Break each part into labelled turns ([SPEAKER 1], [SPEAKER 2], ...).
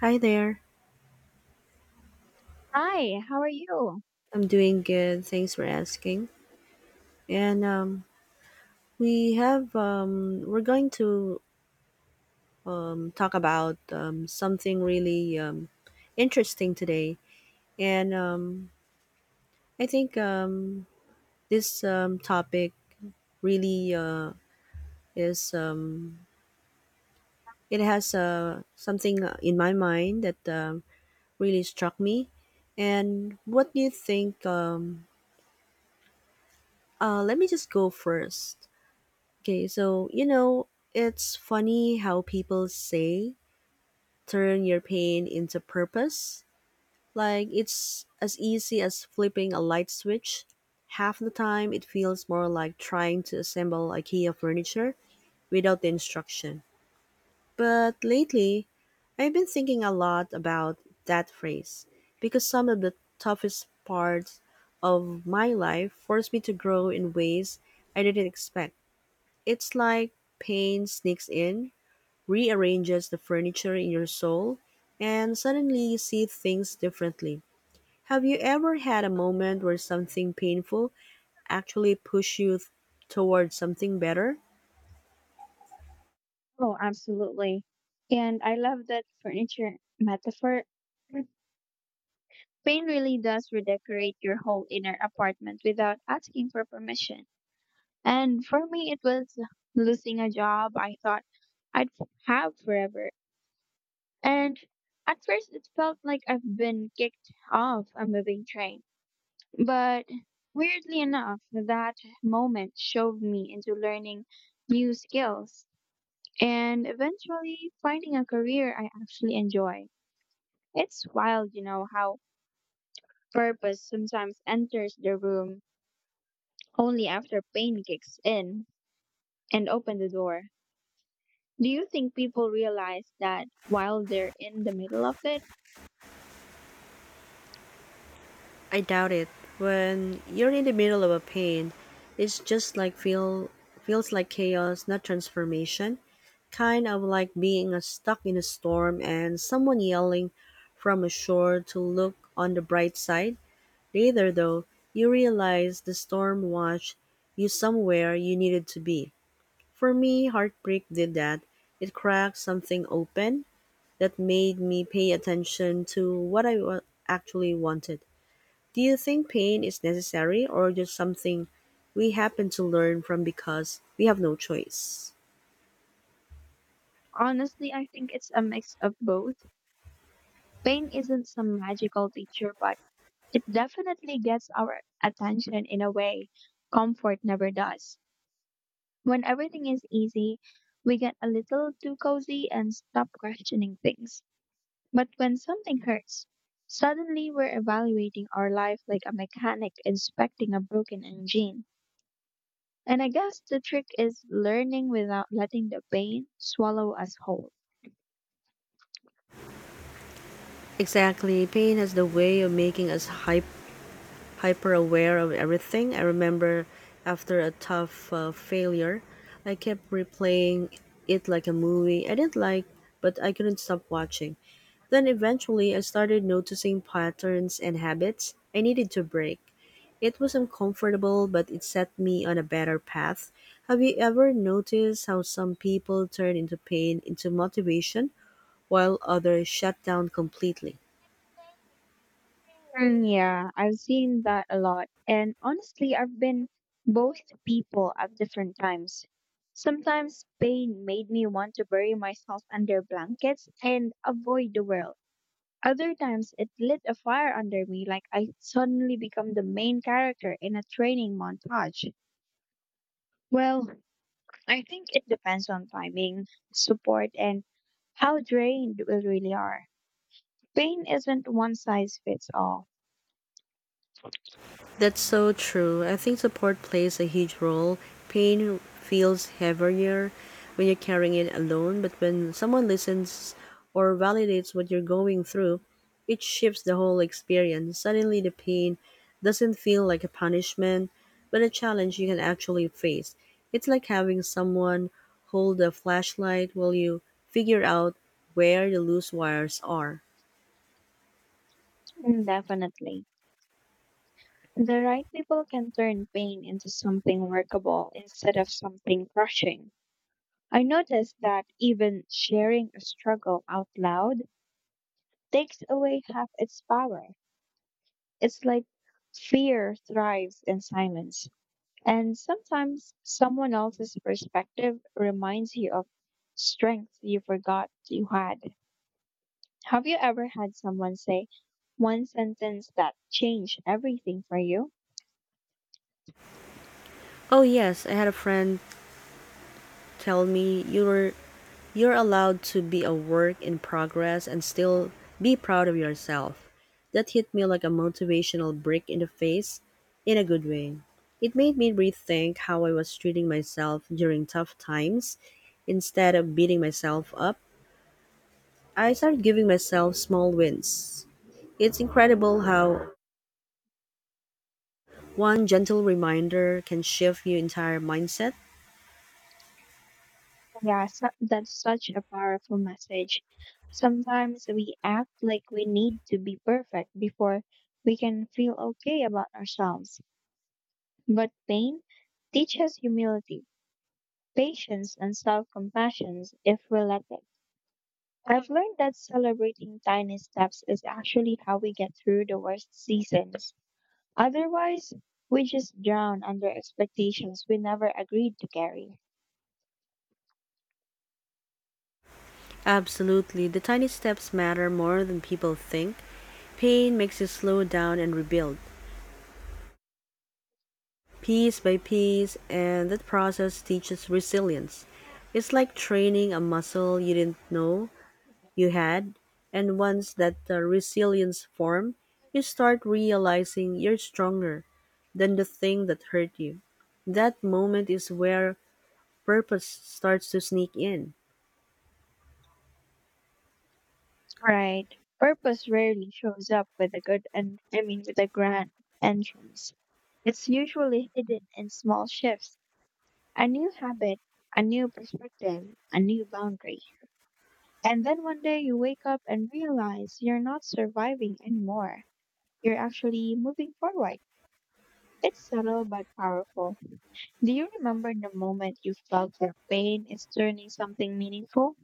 [SPEAKER 1] Hi there.
[SPEAKER 2] Hi, how are you?
[SPEAKER 1] I'm doing good. Thanks for asking. And we have we're going to talk about something really interesting today. And I think this topic really is it has something in my mind that really struck me. And what do you think? Let me just go first. Okay, so it's funny how people say turn your pain into purpose. Like it's as easy as flipping a light switch. Half the time, it feels more like trying to assemble IKEA furniture without the instruction. But lately, I've been thinking a lot about that phrase because some of the toughest parts of my life forced me to grow in ways I didn't expect. It's like pain sneaks in rearranges the furniture in your soul, and suddenly you see things differently. Have you ever had a moment where something painful actually towards something better?
[SPEAKER 2] Oh, absolutely. And I love that furniture metaphor. Mm, paint really does redecorate your whole inner apartment without asking for permission. And for me, it was losing a job I thought have forever. And at first, it felt like I've been kicked off a moving train. But weirdly enough, that moment showed me into learning new skills and eventually finding a career I actually enjoy. It's wild, you know, how purpose sometimes enters the room only after pain kicks in and open the door. Do you think people realize that while they're in the middle of it?
[SPEAKER 1] I doubt it. When you're in the middle of a pain, it's just like feels like chaos, not transformation. Kind of like being stuck in a storm and someone yelling from ashore to look on the bright side. Later though, you realize the storm washed you somewhere you needed to be. For me, heartbreak did that. It cracked something open that made me pay attention to actually wanted. Do you think pain is necessary or just something we happen to learn from because we have no choice?
[SPEAKER 2] Honestly, I think it's a mix of both. Pain isn't some magical teacher, but it definitely gets our attention in a way comfort never does. When everything is easy, we get a little too cozy and stop questioning things. But when something hurts, suddenly we're evaluating our life like a mechanic inspecting a broken engine. And I guess the trick is learning without letting the pain swallow us whole.
[SPEAKER 1] Exactly. Pain has the way of making us hyper aware of everything. I remember after a tough failure, I kept replaying it like a movie I didn't like, but I couldn't stop watching. Then eventually, I started noticing patterns and habits I needed to break. It was uncomfortable, but it set me on a better path. Have you ever noticed how some people turn into pain into motivation while others shut down completely?
[SPEAKER 2] Mm, yeah, I've seen that a lot. And honestly, I've been both people at different times. Sometimes pain made me want to bury myself under blankets and avoid the world. Other times it lit a fire under me like I suddenly become the main character in a training montage. Well, I think it depends on timing, support, and how drained we really are. Pain isn't one size fits all.
[SPEAKER 1] That's so true. I think support plays a huge role. Pain feels heavier when you're carrying it alone, but when someone listens or validates what you're going through, it shifts the whole experience. Suddenly, the pain doesn't feel like a punishment, but a challenge you can actually face. It's like having someone hold a flashlight while you figure out where the loose wires are.
[SPEAKER 2] Mm, definitely. The right people can turn pain into something workable instead of something crushing. I noticed that even sharing a struggle out loud takes away half its power. It's like fear thrives in silence. And sometimes someone else's perspective reminds you of strength you forgot you had. Have you ever had someone say one sentence that changed everything for you?
[SPEAKER 1] Oh yes, I had a friend tell me you're allowed to be a work in progress and still be proud of yourself. That hit me like a motivational brick in the face, in a good way. It made me rethink how I was treating myself during tough times. Instead of beating myself up, I started giving myself small wins. It's incredible how one gentle reminder can shift your entire mindset.
[SPEAKER 2] Yeah, so that's such a powerful message. Sometimes we act like we need to be perfect before we can feel okay about ourselves. But pain teaches humility, patience, and self compassion if we let it. I've learned that celebrating tiny steps is actually how we get through the worst seasons. Otherwise, we just drown under expectations we never agreed to carry.
[SPEAKER 1] Absolutely. The tiny steps matter more than people think. Pain makes you slow down and rebuild, piece by piece, and that process teaches resilience. It's like training a muscle you didn't know you had, and once that resilience forms, you start realizing you're stronger than the thing that hurt you. That moment is where purpose starts to sneak in.
[SPEAKER 2] Right. Purpose rarely shows up with a good, and I mean with a grand entrance. It's usually hidden in small shifts, a new habit, a new perspective, a new boundary. And then one day you wake up and realize you're not surviving anymore. You're actually moving forward. It's subtle but powerful. Do you remember the moment you felt that pain is turning something meaningful?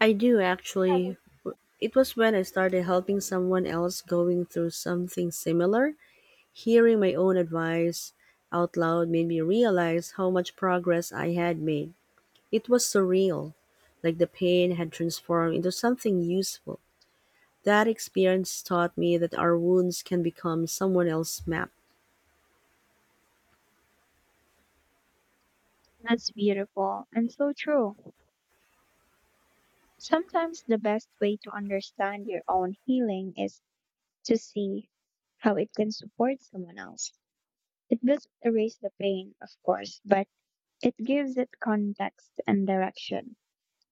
[SPEAKER 1] I do actually. It was when I started helping someone else going through something similar. Hearing my own advice out loud made me realize how much progress I had made. It was surreal, like the pain had transformed into something useful. That experience taught me that our wounds can become someone else's map.
[SPEAKER 2] That's beautiful and so true. Sometimes the best way to understand your own healing is to see how it can support someone else. It doesn't erase the pain, of course, but it gives it context and direction.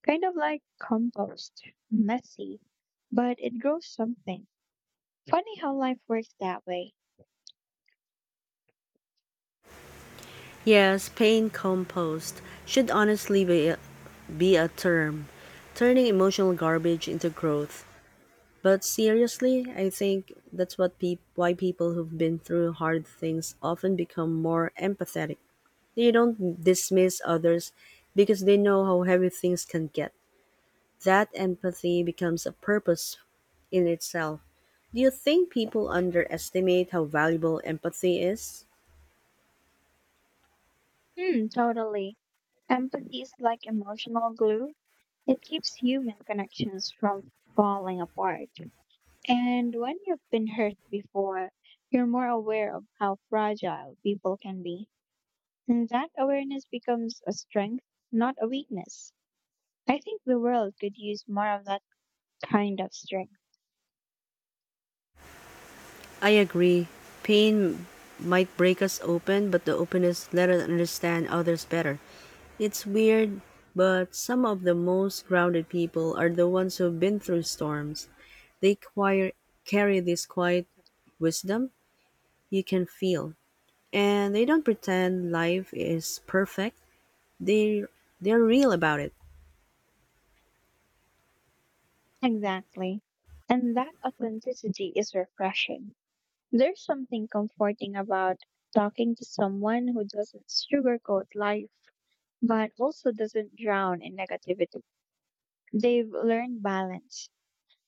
[SPEAKER 2] Kind of like compost, messy, but it grows something. Funny how life works that way.
[SPEAKER 1] Yes, pain compost should honestly be a term, turning emotional garbage into growth. But seriously, I think that's what peop why people who've been through hard things often become more empathetic. They don't dismiss others because they know how heavy things can get. That empathy becomes a purpose in itself. Do you think people underestimate how valuable empathy is?
[SPEAKER 2] Hmm, totally. Empathy is like emotional glue. It keeps human connections from falling apart. And when you've been hurt before, you're more aware of how fragile people can be. And that awareness becomes a strength, not a weakness. I think the world could use more of that kind of strength.
[SPEAKER 1] I agree. Pain might break us open, but the openness let us understand others better. It's weird, but some of the most grounded people are the ones who've been through storms. They quire- carry this quiet wisdom you can feel, and they don't pretend life is perfect. They they're real about it.
[SPEAKER 2] Exactly. And that authenticity is refreshing. There's something comforting about talking to someone who doesn't sugarcoat life, but also doesn't drown in negativity. They've learned balance.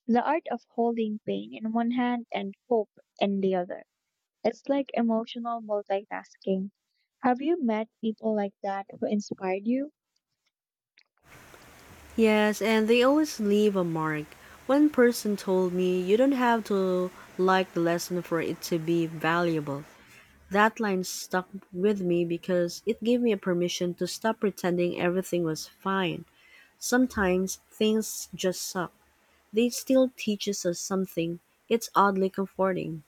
[SPEAKER 2] The art of holding pain in one hand and hope in the other. It's like emotional multitasking. Have you met people like that who inspired you?
[SPEAKER 1] Yes, and they always leave a mark. One person told me you don't have to like the lesson for it to be valuable. That line stuck with me because it gave me a permission to stop pretending everything was fine. Sometimes things just suck. They still teaches us something. It's oddly comforting.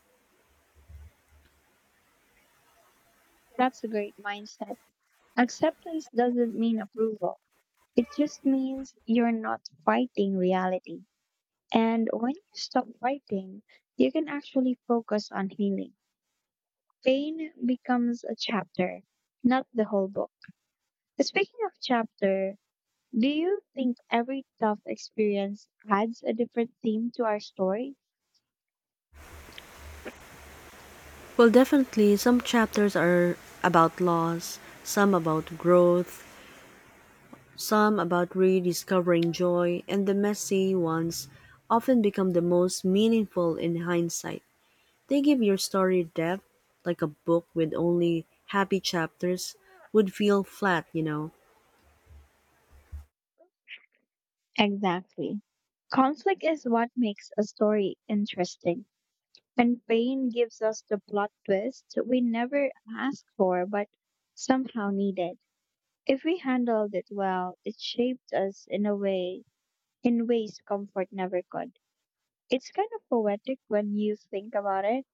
[SPEAKER 2] That's a great mindset. Acceptance doesn't mean approval, it just means you're not fighting reality. And when you stop fighting, you can actually focus on healing. Pain becomes a chapter, not the whole book. Speaking of chapter, do you think every tough experience adds a different theme to our story?
[SPEAKER 1] Well, definitely some chapters are about loss, some about growth, some about rediscovering joy, and the messy ones often become the most meaningful in hindsight. They give your story depth, like a book with only happy chapters would feel flat, you know.
[SPEAKER 2] Exactly. Conflict is what makes a story interesting, and pain gives us the plot twist we never asked for but somehow needed. If we handled it well, it shaped us in ways comfort never could. It's kind of poetic when you think about it,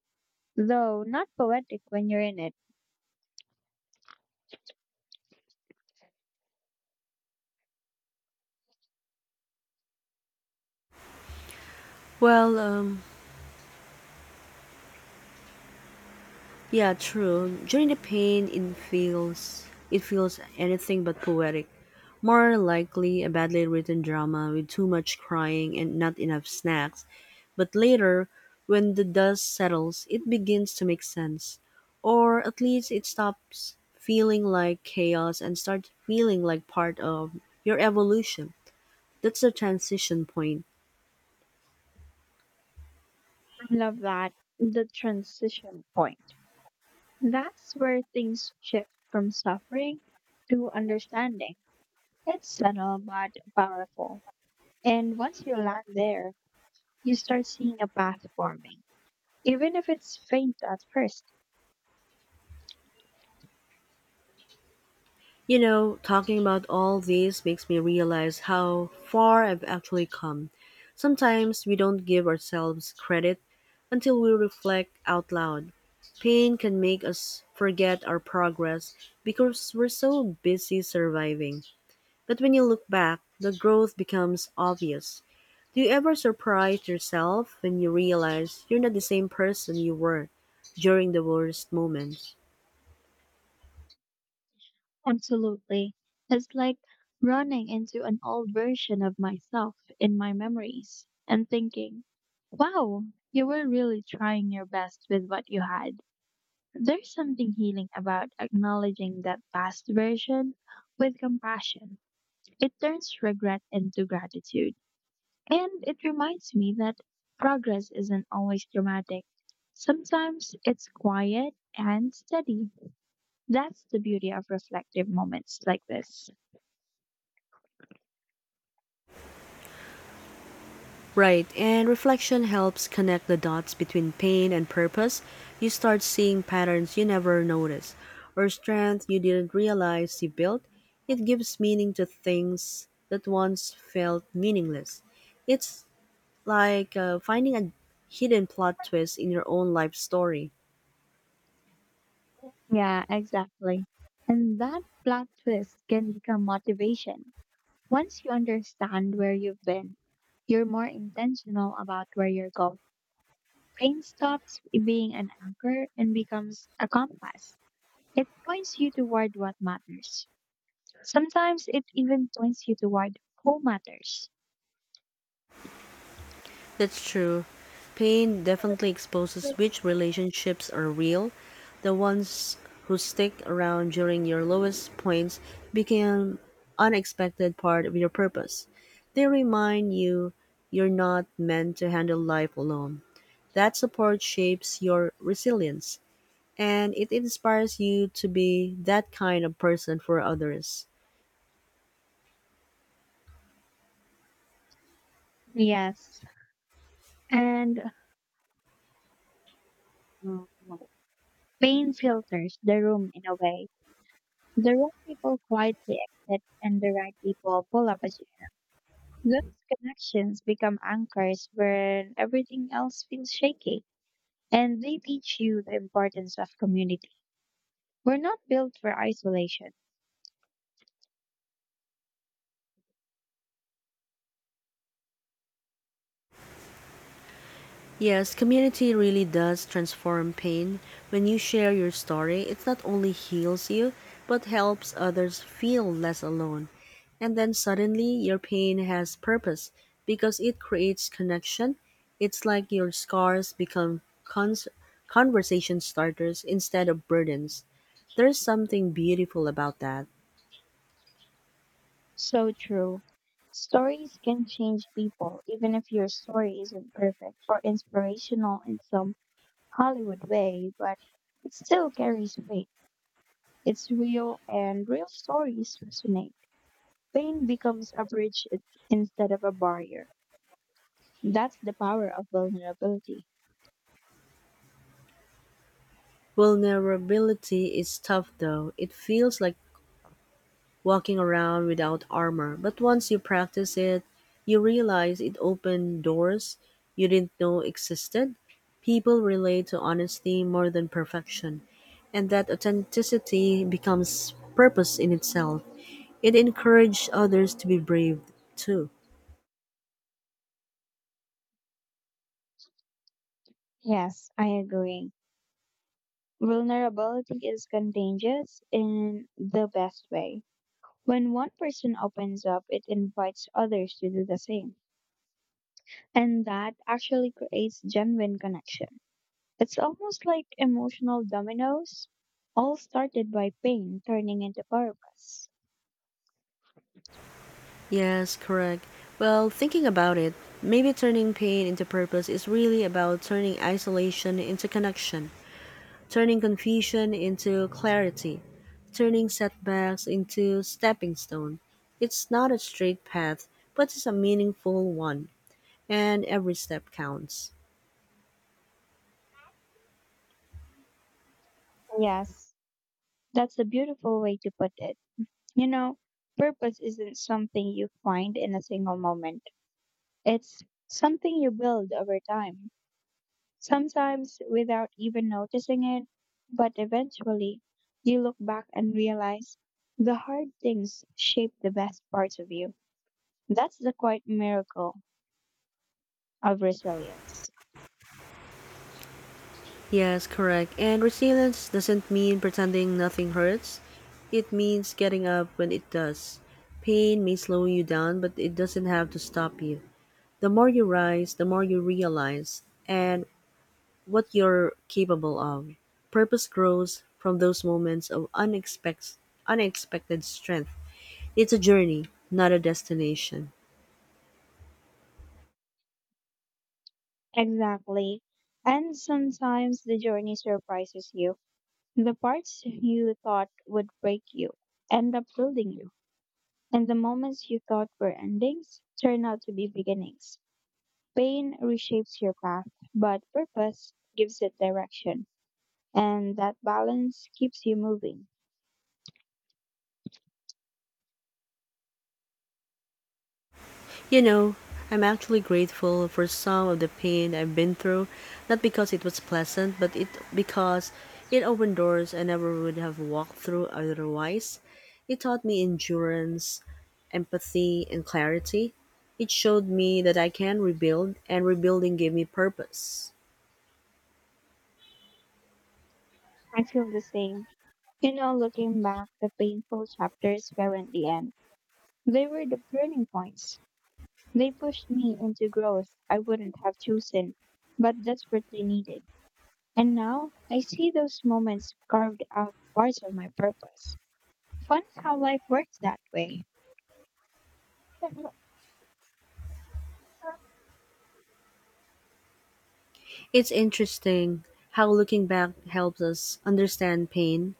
[SPEAKER 2] though not poetic when you're in it.
[SPEAKER 1] Well, yeah, true. During the pain, it feels anything but poetic. More likely a badly written drama with too much crying and not enough snacks. But later, when the dust settles, it begins to make sense. Or at least it stops feeling like chaos and starts feeling like part of your evolution. That's the transition point.
[SPEAKER 2] I love that, the transition point. That's where things shift from suffering to understanding. It's subtle but powerful. And once you land there, you start seeing a path forming, even if it's faint at first.
[SPEAKER 1] You know, talking about all this makes me realize how far I've actually come. Sometimes we don't give ourselves credit until we reflect out loud. Pain can make us forget our progress because we're so busy surviving. But when you look back, the growth becomes obvious. Do you ever surprise yourself when you realize you're not the same person you were during the worst moments?
[SPEAKER 2] Absolutely. It's like running into an old version of myself in my memories and thinking, wow, you were really trying your best with what you had. There's something healing about acknowledging that past version with compassion. It turns regret into gratitude. And it reminds me that progress isn't always dramatic. Sometimes it's quiet and steady. That's the beauty of reflective moments like this.
[SPEAKER 1] Right, and reflection helps connect the dots between pain and purpose. You start seeing patterns you never noticed, or strength you didn't realize you built. It gives meaning to things that once felt meaningless. It's like finding a hidden plot twist in your own life story.
[SPEAKER 2] Yeah, exactly. And that plot twist can become motivation. Once you understand where you've been, you're more intentional about where you're going. Pain stops being an anchor and becomes a compass. It points you toward what matters. Sometimes it even points you toward who matters.
[SPEAKER 1] That's true. Pain definitely exposes which relationships are real. The ones who stick around during your lowest points become unexpected part of your purpose. They remind you you're not meant to handle life alone. That support shapes your resilience and it inspires you to be that kind of person for others.
[SPEAKER 2] Yes. And Mm. pain filters the room in a way. The wrong people quietly exit and the right people pull up again. Those connections become anchors when everything else feels shaky. And they teach you the importance of community. We're not built for isolation.
[SPEAKER 1] Yes, community really does transform pain. When you share your story, it not only heals you, but helps others feel less alone. And then suddenly, your pain has purpose because it creates connection. It's like your scars conversation starters instead of burdens. There's something beautiful about that.
[SPEAKER 2] So true. Stories can change people, even if your story isn't perfect or inspirational in some Hollywood way, but it still carries weight. It's real, and real stories resonate. Pain becomes a bridge instead of a barrier. That's the power of vulnerability.
[SPEAKER 1] Vulnerability is tough though. It feels like walking around without armor, but once you practice it, you realize it opened doors you didn't know existed. People relate to honesty more than perfection, and that authenticity becomes purpose in itself. It encouraged others to be brave too.
[SPEAKER 2] Yes, I agree. Vulnerability is contagious in the best way. When one person opens up, it invites others to do the same. And that actually creates genuine connection. It's almost like emotional dominoes, all started by pain turning into purpose.
[SPEAKER 1] Yes, correct. Well, thinking about it, maybe turning pain into purpose is really about turning isolation into connection, turning confusion into clarity, turning setbacks into stepping stone. It's not a straight path, but it's a meaningful one, and every step counts.
[SPEAKER 2] Yes, that's a beautiful way to put it. You know, purpose isn't something you find in a single moment, it's something you build over time, sometimes without even noticing it, but eventually you look back and realize the hard things shape the best parts of you. That's the quiet miracle of resilience.
[SPEAKER 1] Yes, correct. And resilience doesn't mean pretending nothing hurts. It means getting up when it does. Pain may slow you down, but it doesn't have to stop you. The more you rise, the more you realize. And what you're capable of. Purpose grows from those moments of unexpected strength. It's a journey, not a destination.
[SPEAKER 2] Exactly. And sometimes the journey surprises you. The parts you thought would break you end up building you. And the moments you thought were endings turn out to be beginnings. Pain reshapes your path, but purpose gives it direction. And that balance keeps you moving.
[SPEAKER 1] You know, I'm actually grateful for some of the pain I've been through, not because it was pleasant, but it because it opened doors I never would have walked through otherwise. It taught me endurance, empathy, and clarity. It showed me that I can rebuild, and rebuilding gave me purpose.
[SPEAKER 2] I feel the same. You know, looking back, the painful chapters weren't the end. They were the turning points. They pushed me into growth I wouldn't have chosen, but desperately needed. And now I see those moments carved out parts of my purpose. Fun is how life works that way.
[SPEAKER 1] It's interesting how looking back helps us understand pain,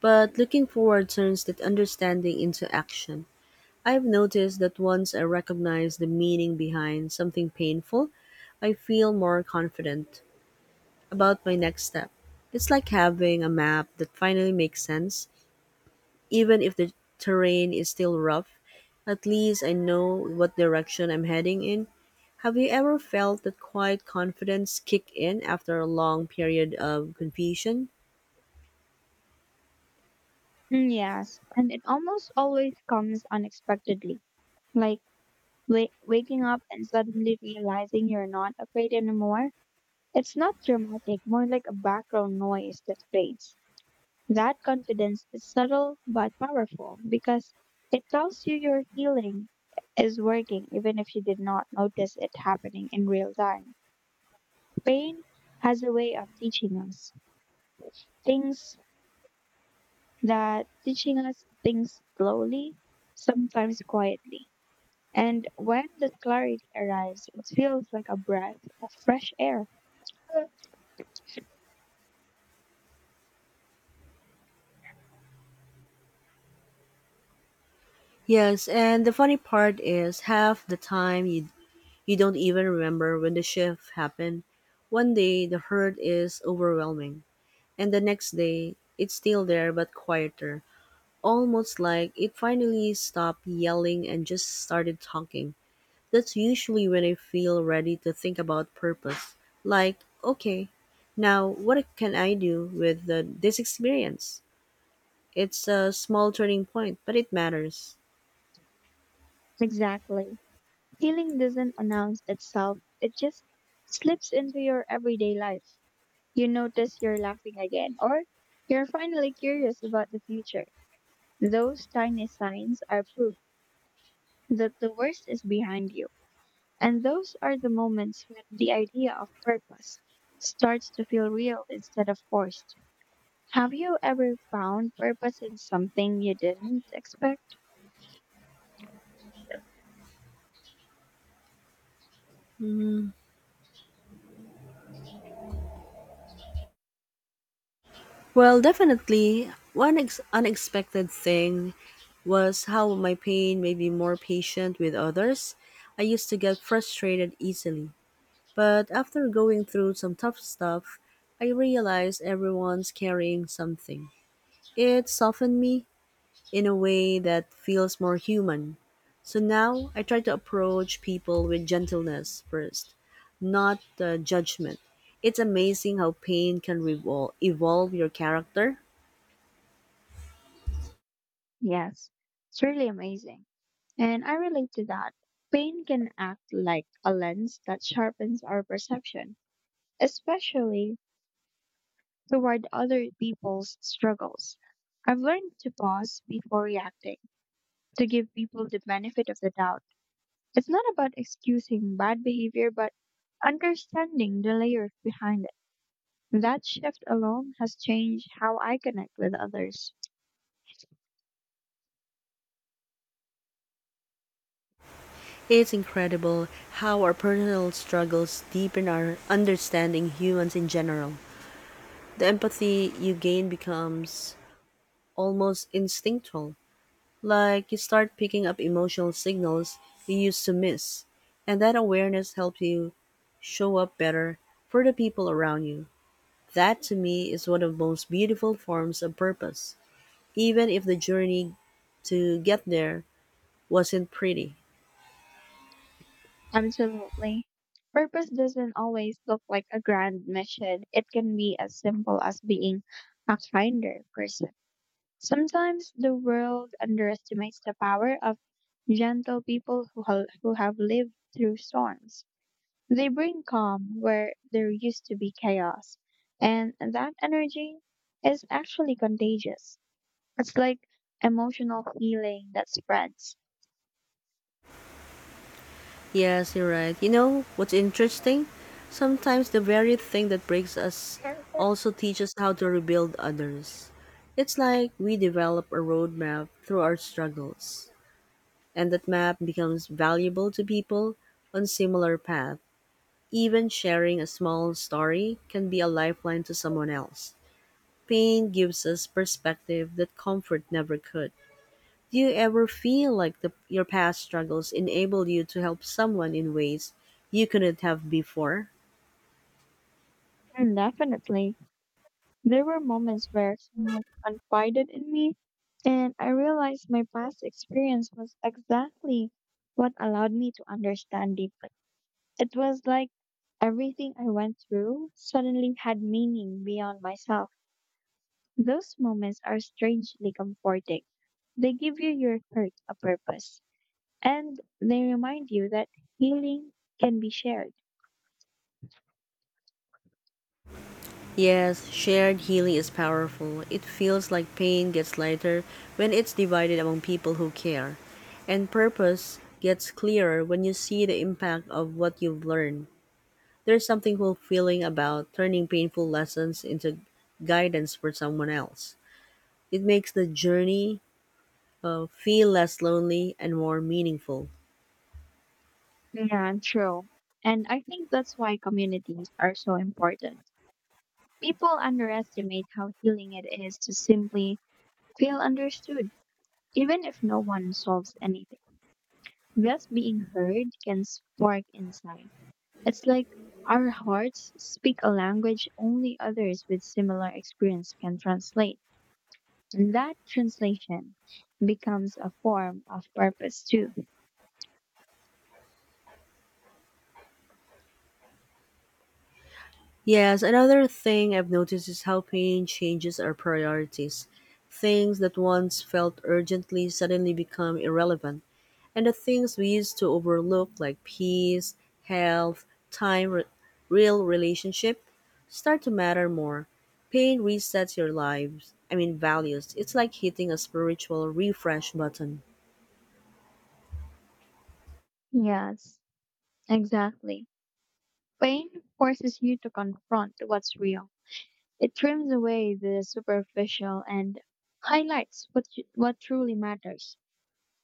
[SPEAKER 1] but looking forward turns that understanding into action. I've noticed that once I recognize the meaning behind something painful, I feel more confident about my next step. It's like having a map that finally makes sense, even if the terrain is still rough. At least I know what direction I'm heading in. Have you ever felt that quiet confidence kick in after a long period of confusion?
[SPEAKER 2] Mm, yes, and it almost always comes unexpectedly. Like waking up and suddenly realizing you're not afraid anymore. It's not dramatic, more like a background noise that fades. That confidence is subtle but powerful because it tells you your healing is working even if you did not notice it happening in real time. Pain has a way of teaching us things that teaching us things slowly, sometimes quietly. And when the clarity arrives, it feels like a breath of fresh air.
[SPEAKER 1] Yes, and the funny part is half the time you don't even remember when the shift happened. One day the hurt is overwhelming, and the next day it's still there but quieter, almost like it finally stopped yelling and just started talking. That's usually when I feel ready to think about purpose. Like, okay, now what can I do with this experience? It's a small turning point, but it matters.
[SPEAKER 2] Exactly. Healing doesn't announce itself, it just slips into your everyday life. You notice you're laughing again, or you're finally curious about the future. Those tiny signs are proof that the worst is behind you. And those are the moments when the idea of purpose starts to feel real instead of forced. Have you ever found purpose in something you didn't expect?
[SPEAKER 1] Well, definitely, unexpected thing was how my pain made me more patient with others. I used to get frustrated easily, but after going through some tough stuff, I realized everyone's carrying something. It softened me in a way that feels more human. So now I try to approach people with gentleness first, not judgment. It's amazing how pain can evolve your character.
[SPEAKER 2] Yes, it's really amazing. And I relate to that. Pain can act like a lens that sharpens our perception, especially toward other people's struggles. I've learned to pause before reacting, to give people the benefit of the doubt. It's not about excusing bad behavior, but understanding the layers behind it. That shift alone has changed how I connect with others.
[SPEAKER 1] It's incredible how our personal struggles deepen our understanding humans in general. The empathy you gain becomes almost instinctual, like you start picking up emotional signals you used to miss. And that awareness helps you show up better for the people around you. That to me is one of the most beautiful forms of purpose, even if the journey to get there wasn't pretty.
[SPEAKER 2] Absolutely. Purpose doesn't always look like a grand mission. It can be as simple as being a kinder person. Sometimes the world underestimates the power of gentle people who have lived through storms. They bring calm where there used to be chaos, and that energy is actually contagious. It's like emotional healing that spreads.
[SPEAKER 1] Yes, you're right. You know what's interesting? Sometimes the very thing that breaks us also teaches how to rebuild others. It's like we develop a roadmap through our struggles, and that map becomes valuable to people on similar paths. Even sharing a small story can be a lifeline to someone else. Pain gives us perspective that comfort never could. Do you ever feel like your past struggles enable you to help someone in ways you couldn't have before?
[SPEAKER 2] And definitely. There were moments where someone confided in me, and I realized my past experience was exactly what allowed me to understand deeply. It was like everything I went through suddenly had meaning beyond myself. Those moments are strangely comforting. They give you your hurt a purpose, and they remind you that healing can be shared.
[SPEAKER 1] Yes, shared healing is powerful. It feels like pain gets lighter when it's divided among people who care, and purpose gets clearer when you see the impact of what you've learned. There's something fulfilling about turning painful lessons into guidance for someone else. It makes the journey feel less lonely and more meaningful.
[SPEAKER 2] Yeah, true. And I think that's why communities are so important. People underestimate how healing it is to simply feel understood, even if no one solves anything. Just being heard can spark insight. It's like our hearts speak a language only others with similar experience can translate. And that translation becomes a form of purpose too.
[SPEAKER 1] Yes, another thing I've noticed is how pain changes our priorities. Things that once felt urgently suddenly become irrelevant, and the things we used to overlook, like peace, health, time, real relationship, start to matter more. Pain resets your lives, I mean, values. It's like hitting a spiritual refresh button.
[SPEAKER 2] Yes, exactly. Pain forces you to confront what's real. It trims away the superficial and highlights what truly matters.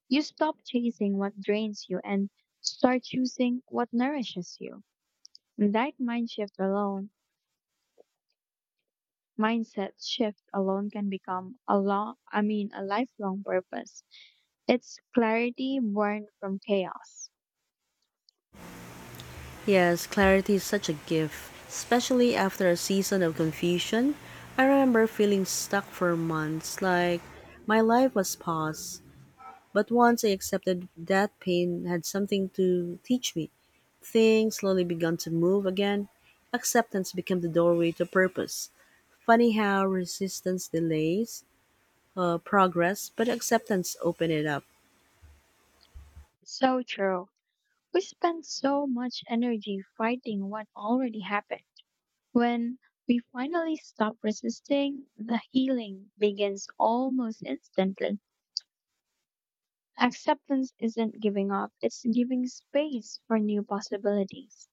[SPEAKER 2] You stop chasing what drains you and start choosing what nourishes you. And that mindset shift alone can become a long, I mean, a lifelong purpose. It's clarity born from chaos.
[SPEAKER 1] Yes, clarity is such a gift, especially after a season of confusion. I remember feeling stuck for months, like my life was paused. But once I accepted that pain had something to teach me, things slowly began to move again. Acceptance became the doorway to purpose. Funny how resistance delays progress, but acceptance opened it up.
[SPEAKER 2] So true. We spend so much energy fighting what already happened. When we finally stop resisting, the healing begins almost instantly. Acceptance isn't giving up, it's giving space for new possibilities.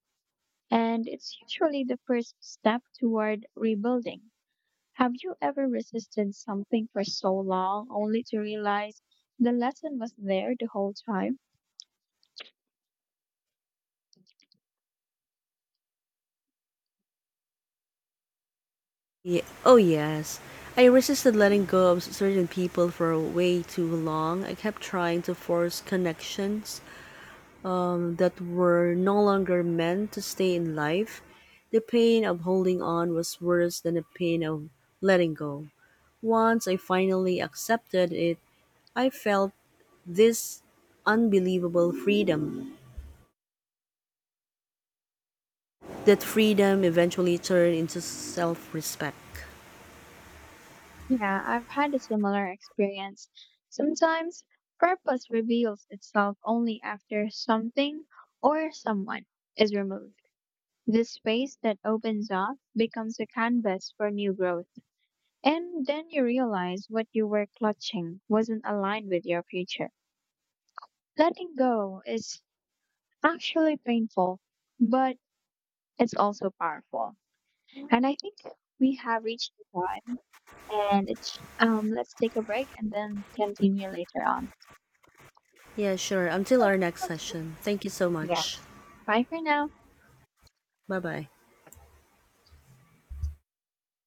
[SPEAKER 2] And it's usually the first step toward rebuilding. Have you ever resisted something for so long only to realize the lesson was there the whole time?
[SPEAKER 1] Oh, yes. I resisted letting go of certain people for way too long. I kept trying to force connections that were no longer meant to stay in life. The pain of holding on was worse than the pain of letting go. Once I finally accepted it, I felt this unbelievable freedom. That freedom eventually turned into self respect.
[SPEAKER 2] Yeah, I've had a similar experience. Sometimes purpose reveals itself only after something or someone is removed. This space that opens up becomes a canvas for new growth. And then you realize what you were clutching wasn't aligned with your future. Letting go is actually painful, but it's also powerful. And I think we have reached the time, and it's let's take a break and then continue later on.
[SPEAKER 1] Yeah, sure. Until our next session. Thank you so much.
[SPEAKER 2] Yes. Bye for now.
[SPEAKER 1] Bye bye.